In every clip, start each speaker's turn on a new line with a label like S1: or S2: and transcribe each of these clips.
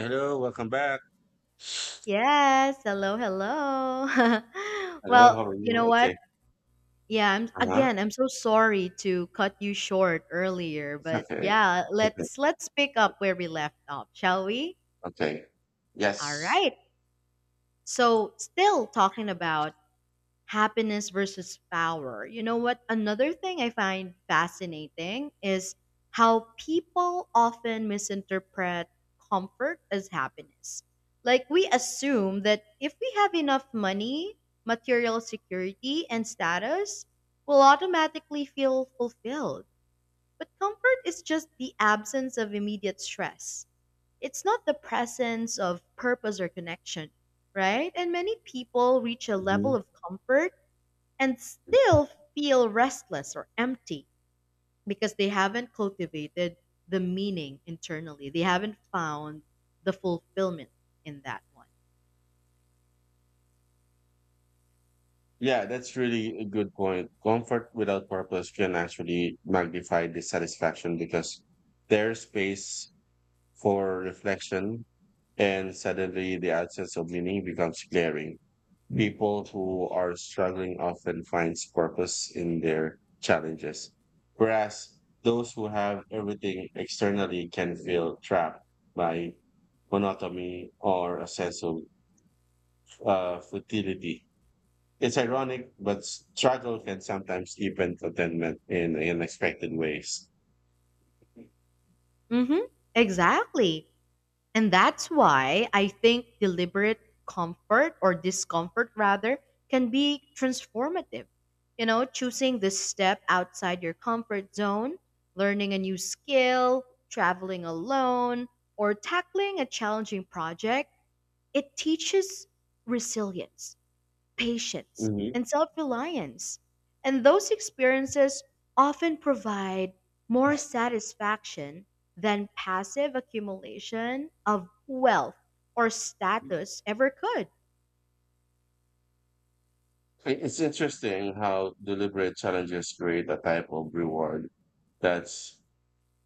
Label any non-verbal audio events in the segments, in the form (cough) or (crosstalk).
S1: Hello, welcome back.
S2: Yes, hello, hello. (laughs)
S1: Hello, how are
S2: Well, you
S1: you?
S2: know what?
S1: Okay.
S2: Yeah, I'm
S1: Uh-huh.
S2: again, I'm so sorry to cut you short earlier,
S1: It's
S2: but
S1: okay. (laughs)
S2: yeah,
S1: Okay.
S2: let's pick up where we left off, shall we?
S1: Okay.
S2: All
S1: Yes.
S2: right. So, still talking about happiness versus power. You know what? Another thing I find fascinating is how people often misinterpret comfort as happiness. Like, we assume that if we have enough money, material security, and status, we'll automatically feel fulfilled. But comfort is just the absence of immediate stress. It's not the presence of purpose or connection, right? And many people reach a level
S1: Mhm.
S2: of comfort and still feel restless or empty because they haven't cultivated the meaning internally. They haven't found the fulfillment in that
S1: Yeah, that's really a good point. Comfort without purpose can actually magnify dissatisfaction because there's space for reflection, and suddenly the absence of meaning becomes glaring. People who are struggling often finds purpose in their challenges, whereas those who have everything externally can feel trapped by monotony or a sense of futility. It's ironic, but struggle can sometimes deepen contentment in unexpected ways.
S2: one. Hmm. Exactly. And that's why I think deliberate comfort or discomfort, rather, can be transformative. Choosing this step outside your comfort zone, learning a new skill, traveling alone, or tackling a challenging project, it teaches resilience, patience,
S1: Mhm.
S2: and self reliance. And those experiences often provide more satisfaction than passive accumulation of wealth or status ever could.
S1: It's interesting how deliberate challenges create a type of reward that's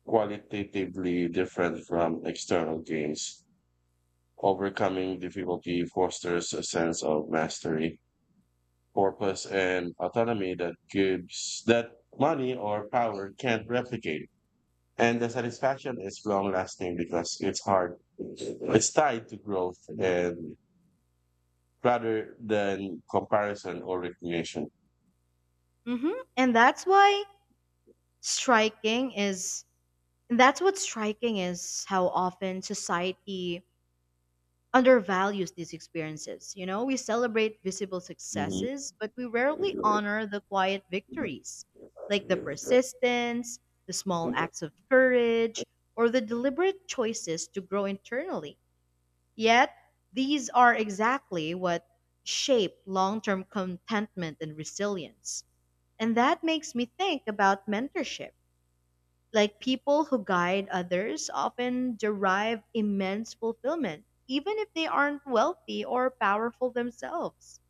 S1: qualitatively different from external gains. Overcoming difficulty fosters a sense of mastery, purpose, and autonomy that gives that money or power can't replicate. And the satisfaction is long lasting because it's hard. It's tied to growth and rather than comparison or recognition.
S2: And striking is, that's what striking is, how often society undervalues these experiences. We celebrate visible successes, but we rarely
S1: Mhm.
S2: honor the quiet victories, like the persistence, the small acts of courage, or the deliberate choices to grow internally. Yet, these are exactly what shape long term contentment and resilience. And that makes me think about mentorship. Like, people who guide others often derive immense fulfillment, even if they aren't wealthy or powerful themselves.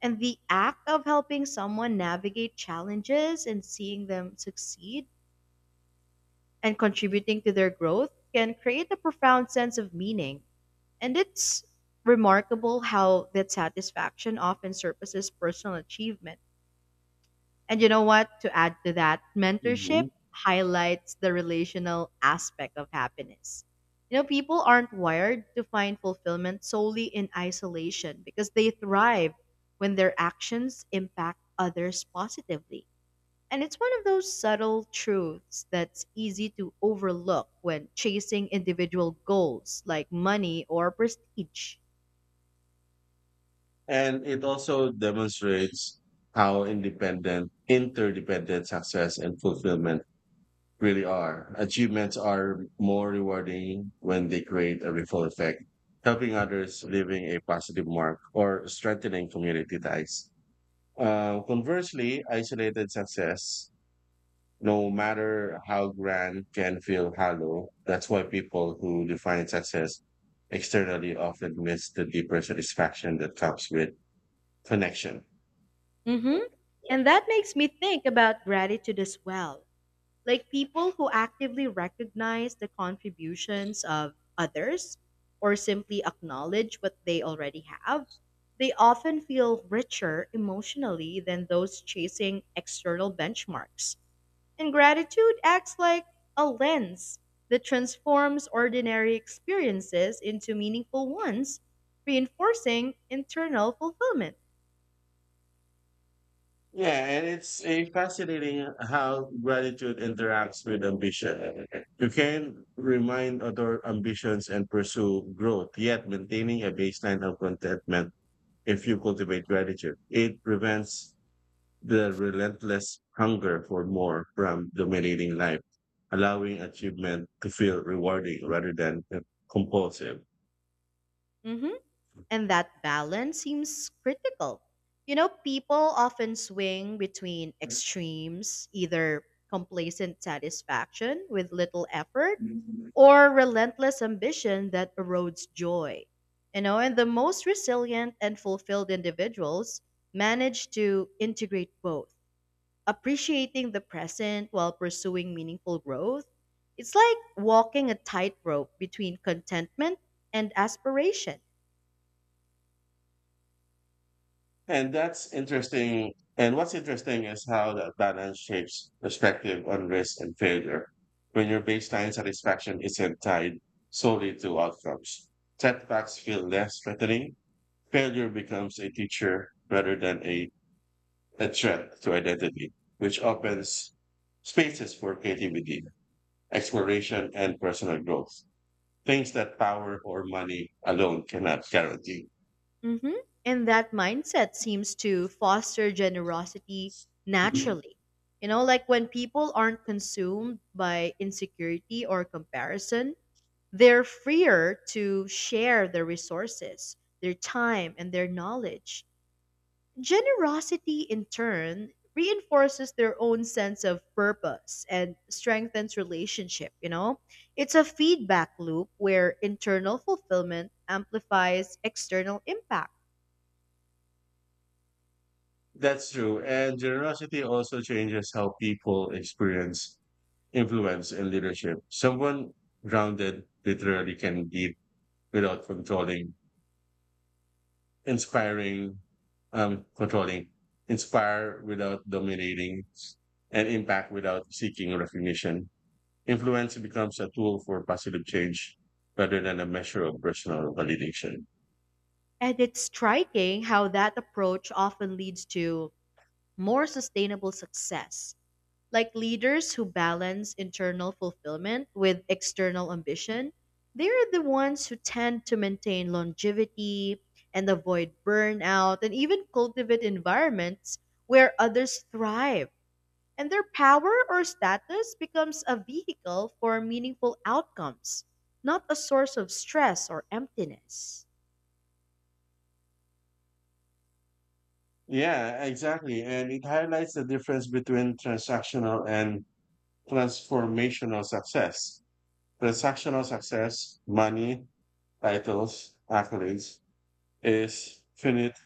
S2: And the act of helping someone navigate challenges and seeing them succeed and contributing to their growth can create a profound sense of meaning. And it's remarkable how that satisfaction often surpasses personal achievement. And you know what? To add to that, mentorship
S1: Mhm.
S2: highlights the relational aspect of happiness. People aren't wired to find fulfillment solely in isolation because they thrive when their actions impact others positively. And it's one of those subtle truths that's easy to overlook when chasing individual goals like money or prestige.
S1: And it also demonstrates how independent, interdependent success and fulfillment really are. Achievements are more rewarding when they create a ripple effect, helping others, leaving a positive mark, or strengthening community ties. Conversely, isolated success, no matter how grand, can feel hollow. That's why people who define success externally often miss the deeper satisfaction that comes with connection.
S2: hmm And that makes me think about gratitude as well, like people who actively recognize the contributions of others or simply acknowledge what they already have, they often feel richer emotionally than those chasing external benchmarks. And gratitude acts like a lens that transforms ordinary experiences into meaningful ones, reinforcing internal fulfillment.
S1: Yeah, and it's a fascinating how gratitude interacts with ambition. You can remind other ambitions and pursue growth, yet maintaining a baseline of contentment if you cultivate gratitude. It prevents the relentless hunger for more from dominating life, allowing achievement to feel rewarding rather than compulsive.
S2: Mhm. And that balance seems critical. People often swing between extremes, either complacent satisfaction with little effort
S1: And
S2: or relentless ambition that erodes joy. You know, and the most resilient and fulfilled individuals manage to integrate both, appreciating the present while pursuing meaningful growth. It's like walking a tightrope between contentment and aspiration.
S1: that's interesting. And what's interesting is how that balance shapes perspective on risk and failure. When your baseline satisfaction isn't tied solely to outcomes, setbacks feel less threatening. Failure becomes a teacher rather than a threat to identity, which opens spaces for creativity, exploration, and personal growth. Things that power or money alone cannot guarantee.
S2: hmm And that mindset seems to foster generosity naturally. Like when people aren't consumed by insecurity or comparison, they're freer to share their resources, their time, and their knowledge. Generosity, in turn, reinforces their own sense of purpose and strengthens relationship. It's a feedback loop where internal fulfillment amplifies external impact.
S1: That's true. And generosity also changes how people experience influence and leadership. Someone grounded literally can give without controlling, inspiring, um, controlling, inspire without dominating, and impact without seeking recognition. Influence becomes a tool for positive change rather than a measure of personal validation.
S2: And it's striking how that approach often leads to more sustainable success. Like leaders who balance internal fulfillment with external ambition, they are the ones who tend to maintain longevity and avoid burnout and even cultivate environments where others thrive. And their power or status becomes a vehicle for meaningful outcomes, not a source of stress or emptiness.
S1: Yeah, exactly. And it highlights the difference between transactional and transformational success. Transactional success, money, titles, accolades, is finite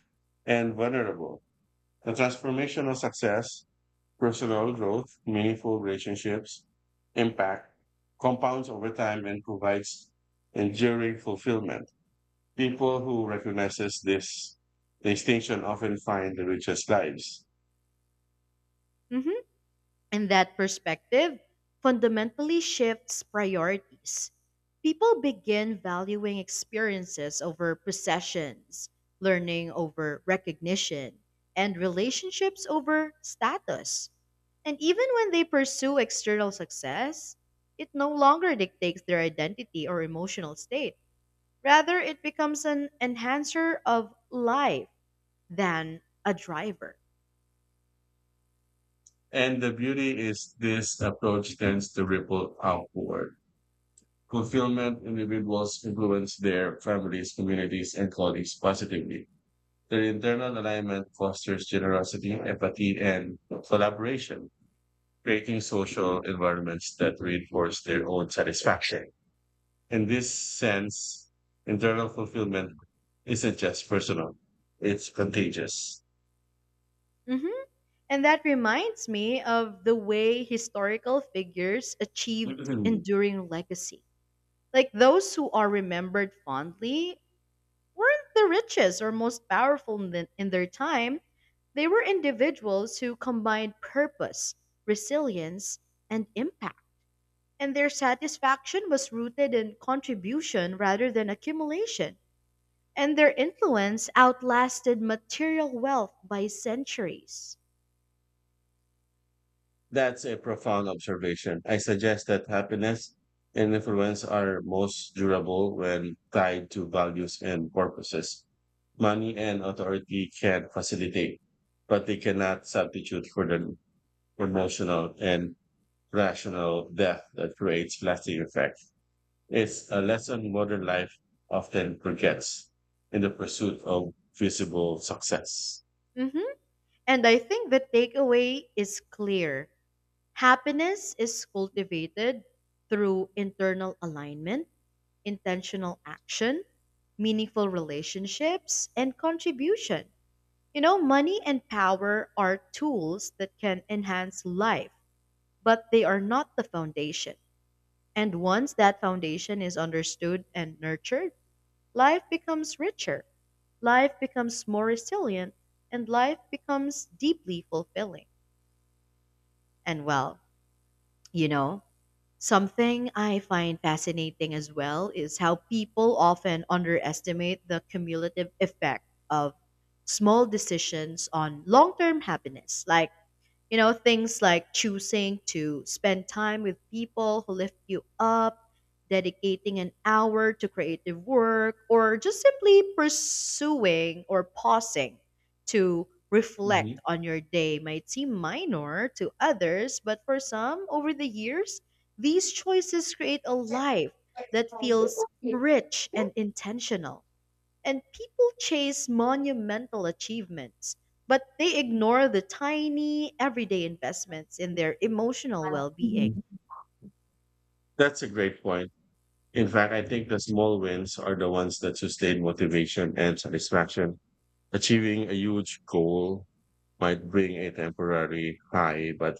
S1: and vulnerable. The transformational success, personal growth, meaningful relationships, impact, compounds over time and provides enduring fulfillment. People who recognizes this distinction often find the richest lives.
S2: Mhm. And that perspective fundamentally shifts priorities. People begin valuing experiences over possessions, learning over recognition, and relationships over status. And even when they pursue external success, it no longer dictates their identity or emotional state. Rather, it becomes an enhancer of life than a driver.
S1: And the beauty is this approach tends to ripple outward fulfillment, individuals influence their families, communities, and colleagues positively. Their internal alignment fosters generosity, empathy, and collaboration, creating social environments that reinforce their own satisfaction. In this sense, internal fulfillment isn't just personal, it's contagious.
S2: Mm-hmm. And that reminds me of the way historical figures achieved
S1: (clears throat)
S2: enduring legacy. Like those who are remembered fondly weren't the richest or most powerful in their time. They were individuals who combined purpose, resilience, and impact. And their satisfaction was rooted in contribution rather than accumulation. And their influence outlasted material wealth by centuries.
S1: That's a profound observation. I suggest that happiness and influence are most durable when tied to values and purposes. Money and authority can facilitate, but they cannot substitute for the emotional and rational depth that creates lasting effect. It's a lesson modern life often forgets in the pursuit of visible success.
S2: hmm And I think the takeaway is clear. Happiness is cultivated through internal alignment, intentional action, meaningful relationships, and contribution. Money and power are tools that can enhance life, but they are not the foundation. And once that foundation is understood and nurtured, life becomes richer, life becomes more resilient, and life becomes deeply fulfilling. And well, You know, something I find fascinating as well is how people often underestimate the cumulative effect of small decisions on long term happiness. Like, things like choosing to spend time with people who lift you up, dedicating an hour to creative work, or just simply pursuing or pausing to
S1: Mhm.
S2: reflect on your day might seem minor to others, but for some, over the years, these choices create a life that feels rich and intentional. And people chase monumental achievements, but they ignore the tiny, everyday investments in their emotional well being.
S1: Mhm. That's a great point. In fact, I think the small wins are the ones that sustain motivation and satisfaction. Achieving a huge goal might bring a temporary high, but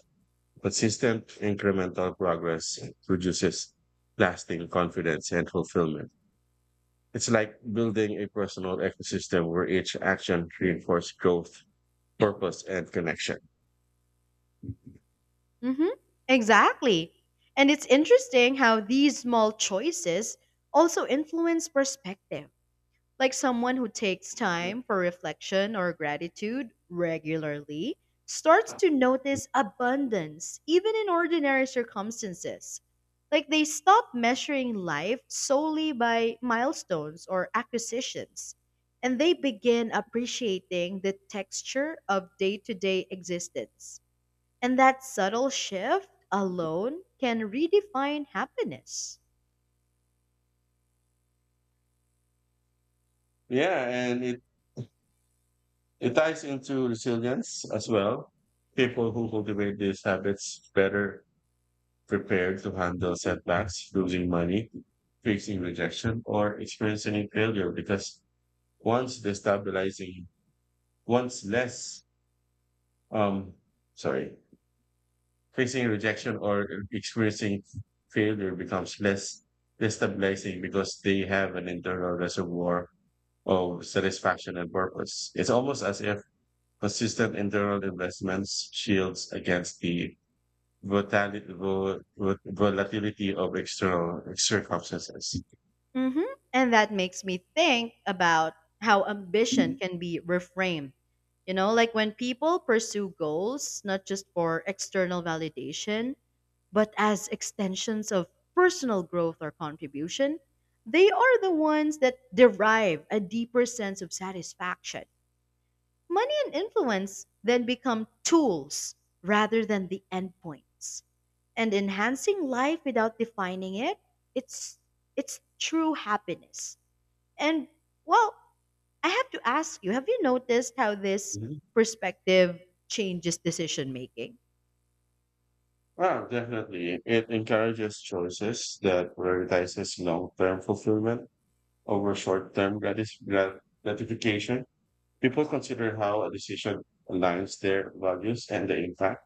S1: consistent incremental progress produces lasting confidence and fulfillment. It's like building a personal ecosystem where each action reinforces growth, purpose, and connection.
S2: Hmm. Exactly. And it's interesting how these small choices also influence perspective. Like someone who takes time for reflection or gratitude regularly starts to notice abundance even in ordinary circumstances. Like, they stop measuring life solely by milestones or acquisitions, and they begin appreciating the texture of day to day existence. And that subtle shift alone can redefine happiness.
S1: Yeah, and it ties into resilience as well. People who cultivate these habits better prepared to handle setbacks, losing money, facing rejection, or experiencing failure because once destabilizing, once less, um, sorry, facing rejection or experiencing failure becomes less destabilizing because they have an internal reservoir of satisfaction and purpose. It's almost as if consistent internal investments shields against the volatility of external circumstances.
S2: hmm And that makes me think about how ambition
S1: Mhm.
S2: can be reframed. Like when people pursue goals, not just for external validation, but as extensions of personal growth or contribution, they are the ones that derive a deeper sense of satisfaction. Money and influence then become tools rather than the endpoints. And enhancing life without defining it, it's it's true happiness. And well, I have to ask you, have you noticed how this perspective changes decision making?
S1: Well, definitely. It encourages choices that prioritizes long-term fulfillment over short-term gratification. People consider how a decision aligns their values and the impact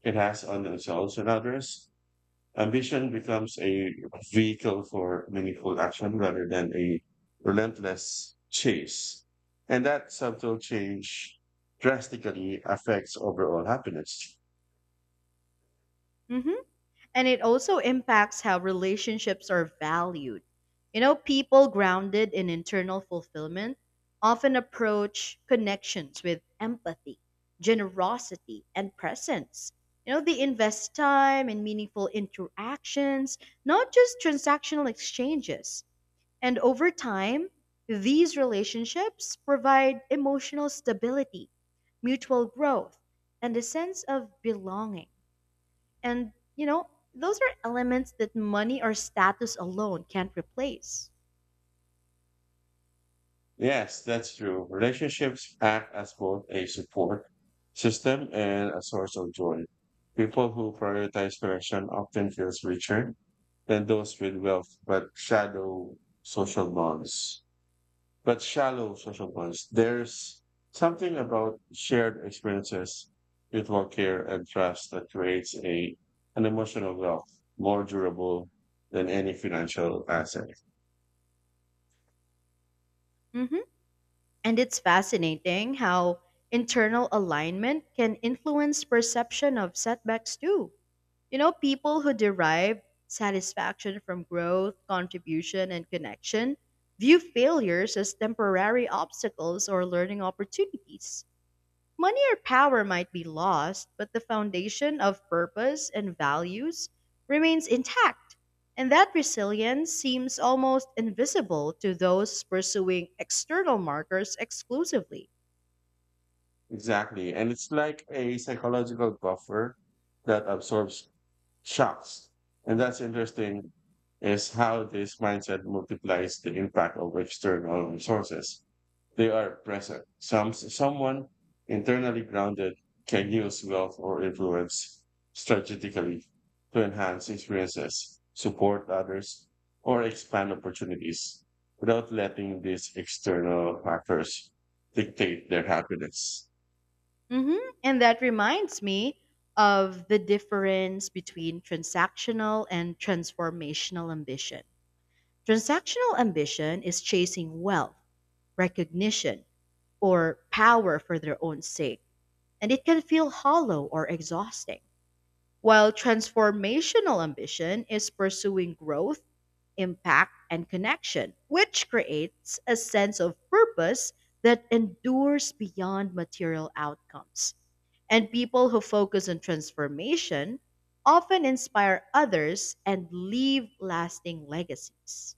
S1: it has on themselves and others. Ambition becomes a vehicle for meaningful action rather than a relentless chase. And that subtle change drastically affects overall happiness.
S2: Mhm. And it also impacts how relationships are valued. People grounded in internal fulfillment often approach connections with empathy, generosity, and presence. You know, they invest time in meaningful interactions, not just transactional exchanges. And over time, these relationships provide emotional stability, mutual growth, and a sense of belonging. And, those are elements that money or status alone can't replace.
S1: Yes, that's true. Relationships act as both a support system and a source of joy. People who prioritize connection often feel richer than those with wealth, but shallow social bonds. But shallow social bonds. There's something about shared experiences, mutual care, and trust that creates a an emotional wealth more durable than any financial asset.
S2: hmm And it's fascinating how internal alignment can influence perception of setbacks too. People who derive satisfaction from growth, contribution, and connection view failures as temporary obstacles or learning opportunities. Money or power might be lost, but the foundation of purpose and values remains intact. And that resilience seems almost invisible to those pursuing external markers exclusively.
S1: Exactly. And it's like a psychological buffer that absorbs shocks. And that's interesting is how this mindset multiplies the impact of external resources. They are present. Someone internally grounded can use wealth or influence strategically to enhance experiences, support others, or expand opportunities without letting these external factors dictate their happiness.
S2: hmm And that reminds me of the difference between transactional and transformational ambition. Transactional ambition is chasing wealth, recognition, or power for their own sake, and it can feel hollow or exhausting. While transformational ambition is pursuing growth, impact, and connection, which creates a sense of purpose that endures beyond material outcomes. And people who focus on transformation often inspire others and leave lasting legacies.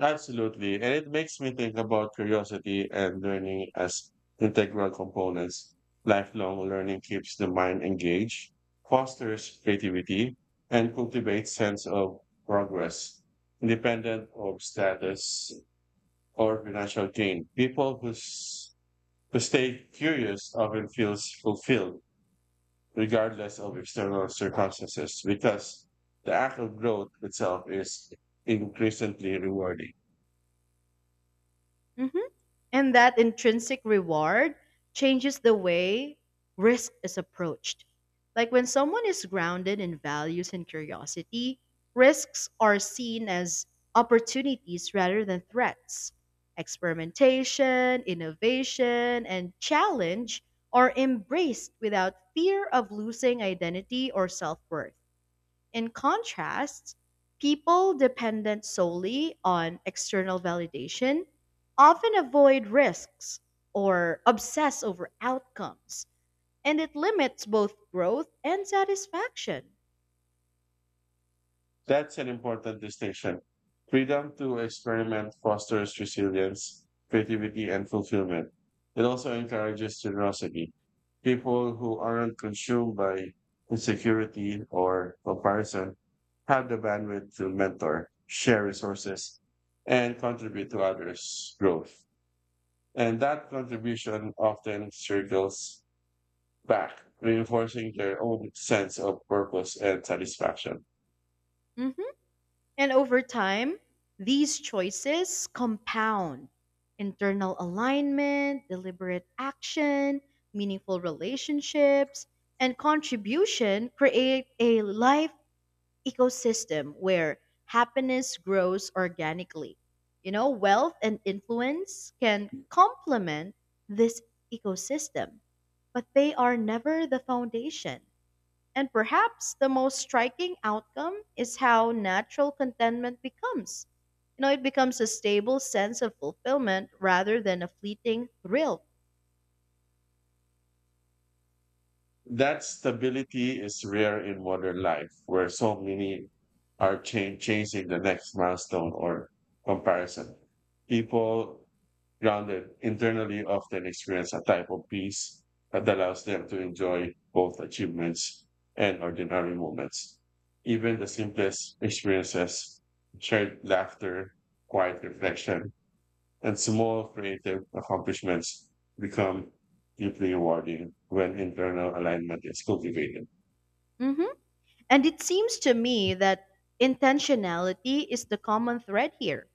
S1: Absolutely. And it makes me think about curiosity and learning as integral components. Lifelong learning keeps the mind engaged, fosters creativity, and cultivates sense of progress, independent of status or financial gain. People who stay curious often feels fulfilled regardless of external circumstances because the act of growth itself is increasingly rewarding.
S2: Mhm. And that intrinsic reward changes the way risk is approached. Like when someone is grounded in values and curiosity, risks are seen as opportunities rather than threats. Experimentation, innovation, and challenge are embraced without fear of losing identity or self worth. In contrast, people dependent solely on external validation often avoid risks or obsess over outcomes, and it limits both growth and satisfaction.
S1: That's an important distinction. Freedom to experiment fosters resilience, creativity, and fulfillment. It also encourages generosity. People who aren't consumed by insecurity or comparison have the bandwidth to mentor, share resources, and contribute to others' growth. And that contribution often circles back, reinforcing their own sense of purpose and satisfaction.
S2: Mhm. And over time, these choices compound internal alignment, deliberate action, meaningful relationships, and contribution create a life ecosystem where happiness grows organically. Wealth and influence can complement this ecosystem, but they are never the foundation. And perhaps the most striking outcome is how natural contentment becomes. It becomes a stable sense of fulfillment rather than a fleeting thrill.
S1: That stability is rare in modern life, where so many are chasing the next milestone or comparison. People grounded internally often experience a type of peace that allows them to enjoy both achievements and ordinary moments. Even the simplest experiences, shared laughter, quiet reflection, and small creative accomplishments become deeply rewarding when internal alignment is cultivated.
S2: Mhm. And it seems to me that intentionality is the common thread here.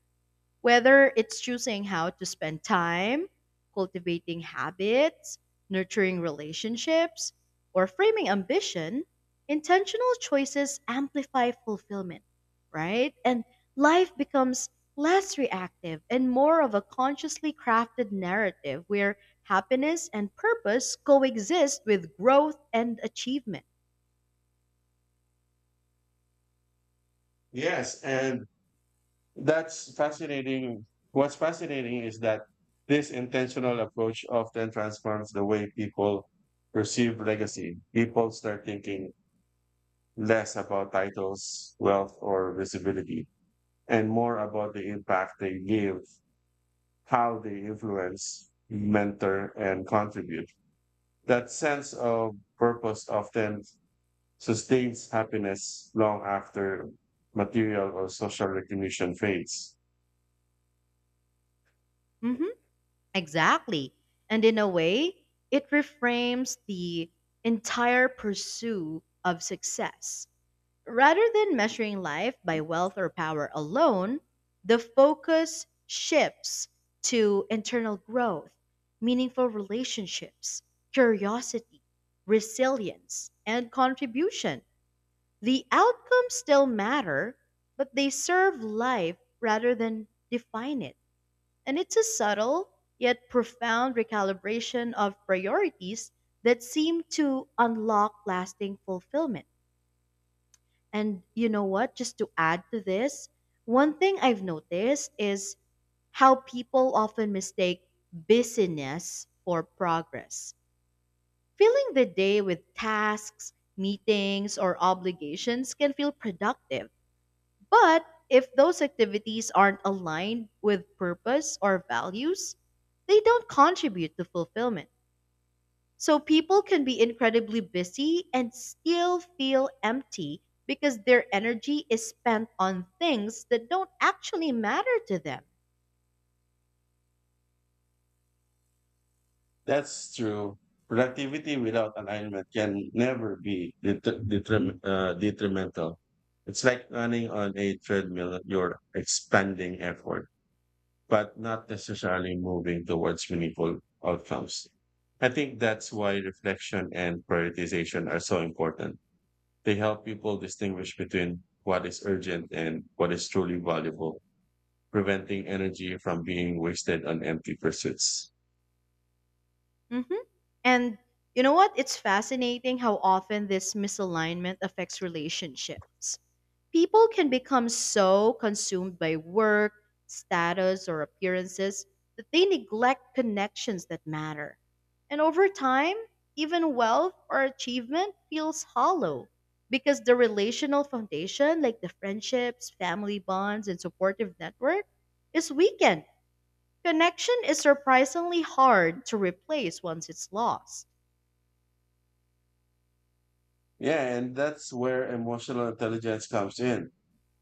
S2: Whether it's choosing how to spend time, cultivating habits, nurturing relationships, or framing ambition, intentional choices amplify fulfillment, right? And life becomes less reactive and more of a consciously crafted narrative where happiness and purpose coexist with growth and achievement.
S1: Yes, and that's fascinating. What's fascinating is that this intentional approach often transforms the way people perceive legacy. People start thinking less about titles, wealth, or visibility, and more about the impact they give, how they influence, mentor, and contribute. That sense of purpose often sustains happiness long after material or social recognition fades.
S2: Mhm. Exactly. And in a way, it reframes the entire pursuit of success. Rather than measuring life by wealth or power alone, the focus shifts to internal growth, meaningful relationships, curiosity, resilience, and contribution. The outcomes still matter, but they serve life rather than define it. And it's a subtle yet profound recalibration of priorities that seem to unlock lasting fulfillment. And you know what? Just to add to this, one thing I've noticed is how people often mistake busyness for progress. Filling the day with tasks, meetings, or obligations can feel productive, but if those activities aren't aligned with purpose or values, they don't contribute to fulfillment. So people can be incredibly busy and still feel empty because their energy is spent on things that don't actually matter to them.
S1: That's true. Productivity without alignment can never be detrimental. It's like running on a treadmill, you're expanding effort, but not necessarily moving towards meaningful outcomes. I think that's why reflection and prioritization are so important. They help people distinguish between what is urgent and what is truly valuable, preventing energy from being wasted on empty pursuits.
S2: hmm And you know what? It's fascinating how often this misalignment affects relationships. People can become so consumed by work, status, or appearances that they neglect connections that matter. And over time, even wealth or achievement feels hollow because the relational foundation, like the friendships, family bonds, and supportive network, is weakened. Connection is surprisingly hard to replace once it's lost.
S1: Yeah, and that's where emotional intelligence comes in.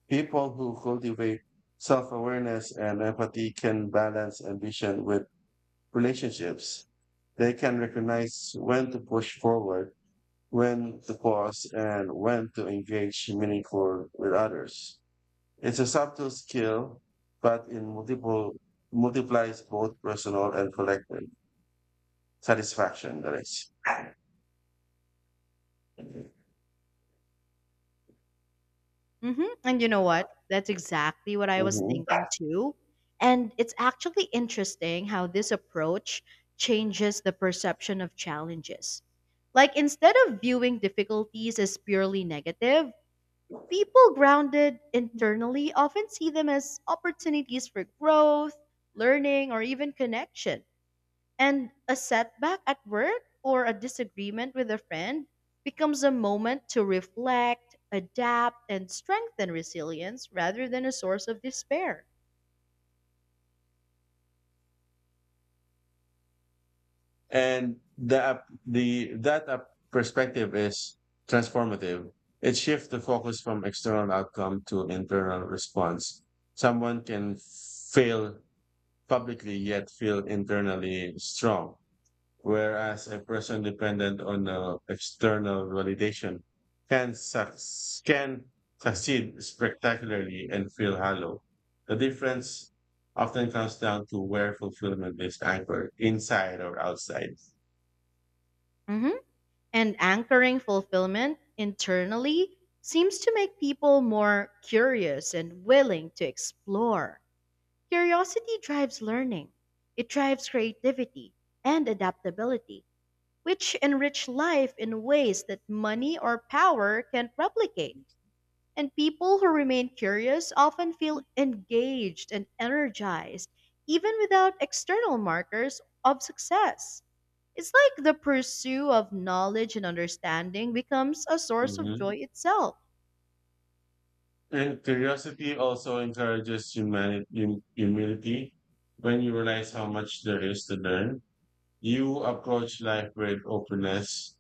S1: People who cultivate self awareness and empathy can balance ambition with relationships. They can recognize when to push forward, when to pause, and when to engage meaningful with others. It's a subtle skill, but in multiple multiplies both personal and collective satisfaction. That is.
S2: And you know what? That's exactly what I was
S1: Mhm.
S2: thinking too. And it's actually interesting how this approach changes the perception of challenges. Like, instead of viewing difficulties as purely negative, people grounded internally often see them as opportunities for growth, learning, or even connection. And a setback at work or a disagreement with a friend becomes a moment to reflect, adapt, and strengthen resilience rather than a source of despair.
S1: The perspective is transformative. It shifts the focus from external outcome to internal response. Someone can fail publicly yet feel internally strong, whereas a person dependent on external validation can suc- can succeed spectacularly and feel hollow. The difference often comes down to where fulfillment is anchored, inside or outside.
S2: Mhm. And anchoring fulfillment internally seems to make people more curious and willing to explore. Curiosity drives learning, it drives creativity and adaptability, which enrich life in ways that money or power can't replicate. And people who remain curious often feel engaged and energized, even without external markers of success. It's like the pursuit of knowledge and understanding becomes a source of
S1: Mhm.
S2: joy itself.
S1: And curiosity also encourages humility. When you realize how much there is to learn, you approach life with openness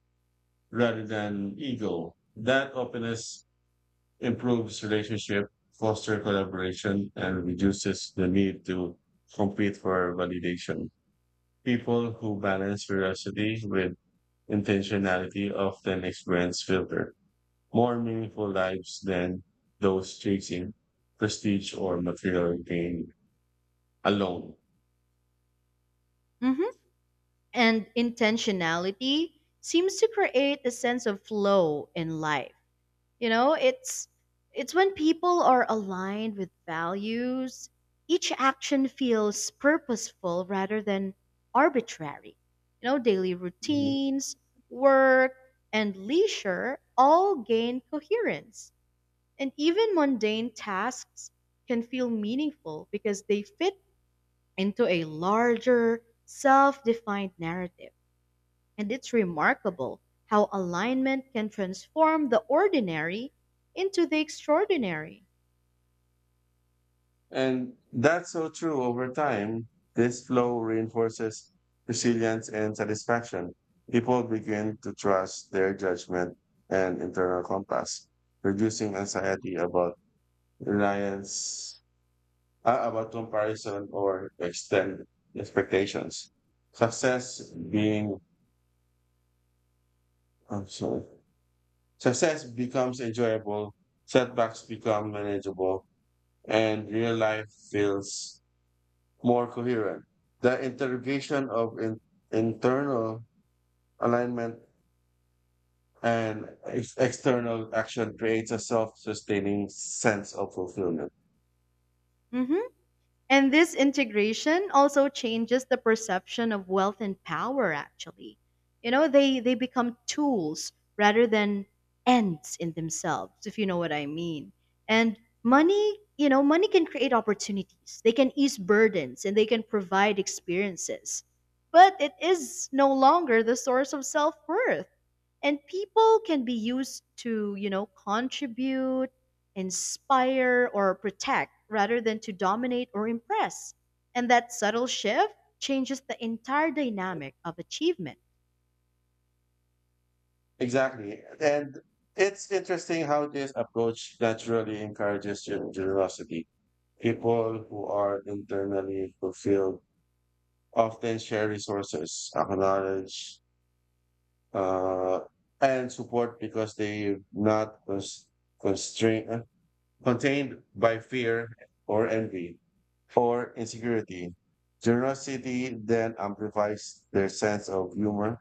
S1: rather than ego. That openness improves relationship, fosters collaboration, and reduces the need to compete for validation. People who balance curiosity with intentionality often experience filter. More meaningful lives than those chasing prestige or material gain alone.
S2: hmm And intentionality seems to create a sense of flow in life. You know, it's it's when people are aligned with values, each action feels purposeful rather than arbitrary. Daily
S1: Mhm.
S2: routines, work, and leisure all gain coherence. And even mundane tasks can feel meaningful because they fit into a larger, self-defined narrative. And it's remarkable how alignment can transform the ordinary into the extraordinary.
S1: And that's so true over time. This flow reinforces resilience and satisfaction. People begin to trust their judgment and internal compass, reducing anxiety about reliance, about comparison or extend expectations. Success being, I'm sorry Success becomes enjoyable, setbacks become manageable, and real life feels more coherent. The interrogation of internal alignment and external action creates a self sustaining sense of fulfillment.
S2: Mhm. And this integration also changes the perception of wealth and power, actually. You know, they become tools rather than ends in themselves, if you know what I mean. And money, money can create opportunities, they can ease burdens, and they can provide experiences. But it is no longer the source of self worth, and people can be used to contribute, inspire, or protect rather than to dominate or impress. And that subtle shift changes the entire dynamic of achievement.
S1: Exactly. And it's interesting how this approach naturally encourages generosity. People who are internally fulfilled often share resources, acknowledge uh, and support because they are not constrained, uh, contained by fear or envy or insecurity. Generosity then amplifies their sense of humor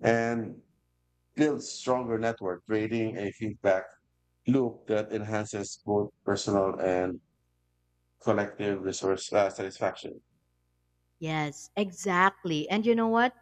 S1: and builds stronger network, creating a feedback loop that enhances both personal and collective resource satisfaction.
S2: Yes, exactly. And you know what,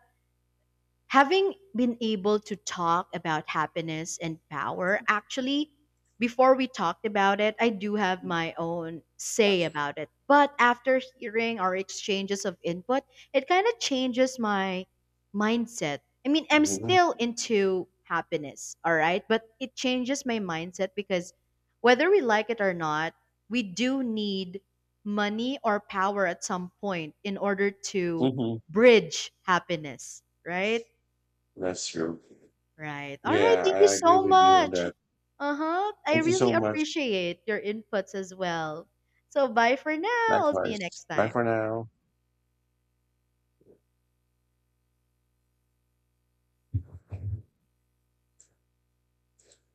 S2: having been able to talk about happiness and power, actually, before we talked about it, I do have my own say about it, but after hearing our exchanges of input, it kind of changes my mindset. I mean, I'm still
S1: Mhm.
S2: into happiness, all right, but it changes my mindset because whether we like it or not, we do need money or power at some point in order to
S1: Mhm.
S2: bridge happiness, right?
S1: That's true.
S2: Right. All right.
S1: Yeah,
S2: Thank you
S1: I agree
S2: so
S1: with you on
S2: much.
S1: that.
S2: Uh huh. I
S1: Thank you
S2: really
S1: so much.
S2: appreciate your inputs as well. So, bye for now. I'll see you
S1: Likewise.
S2: next
S1: Bye
S2: time.
S1: for now.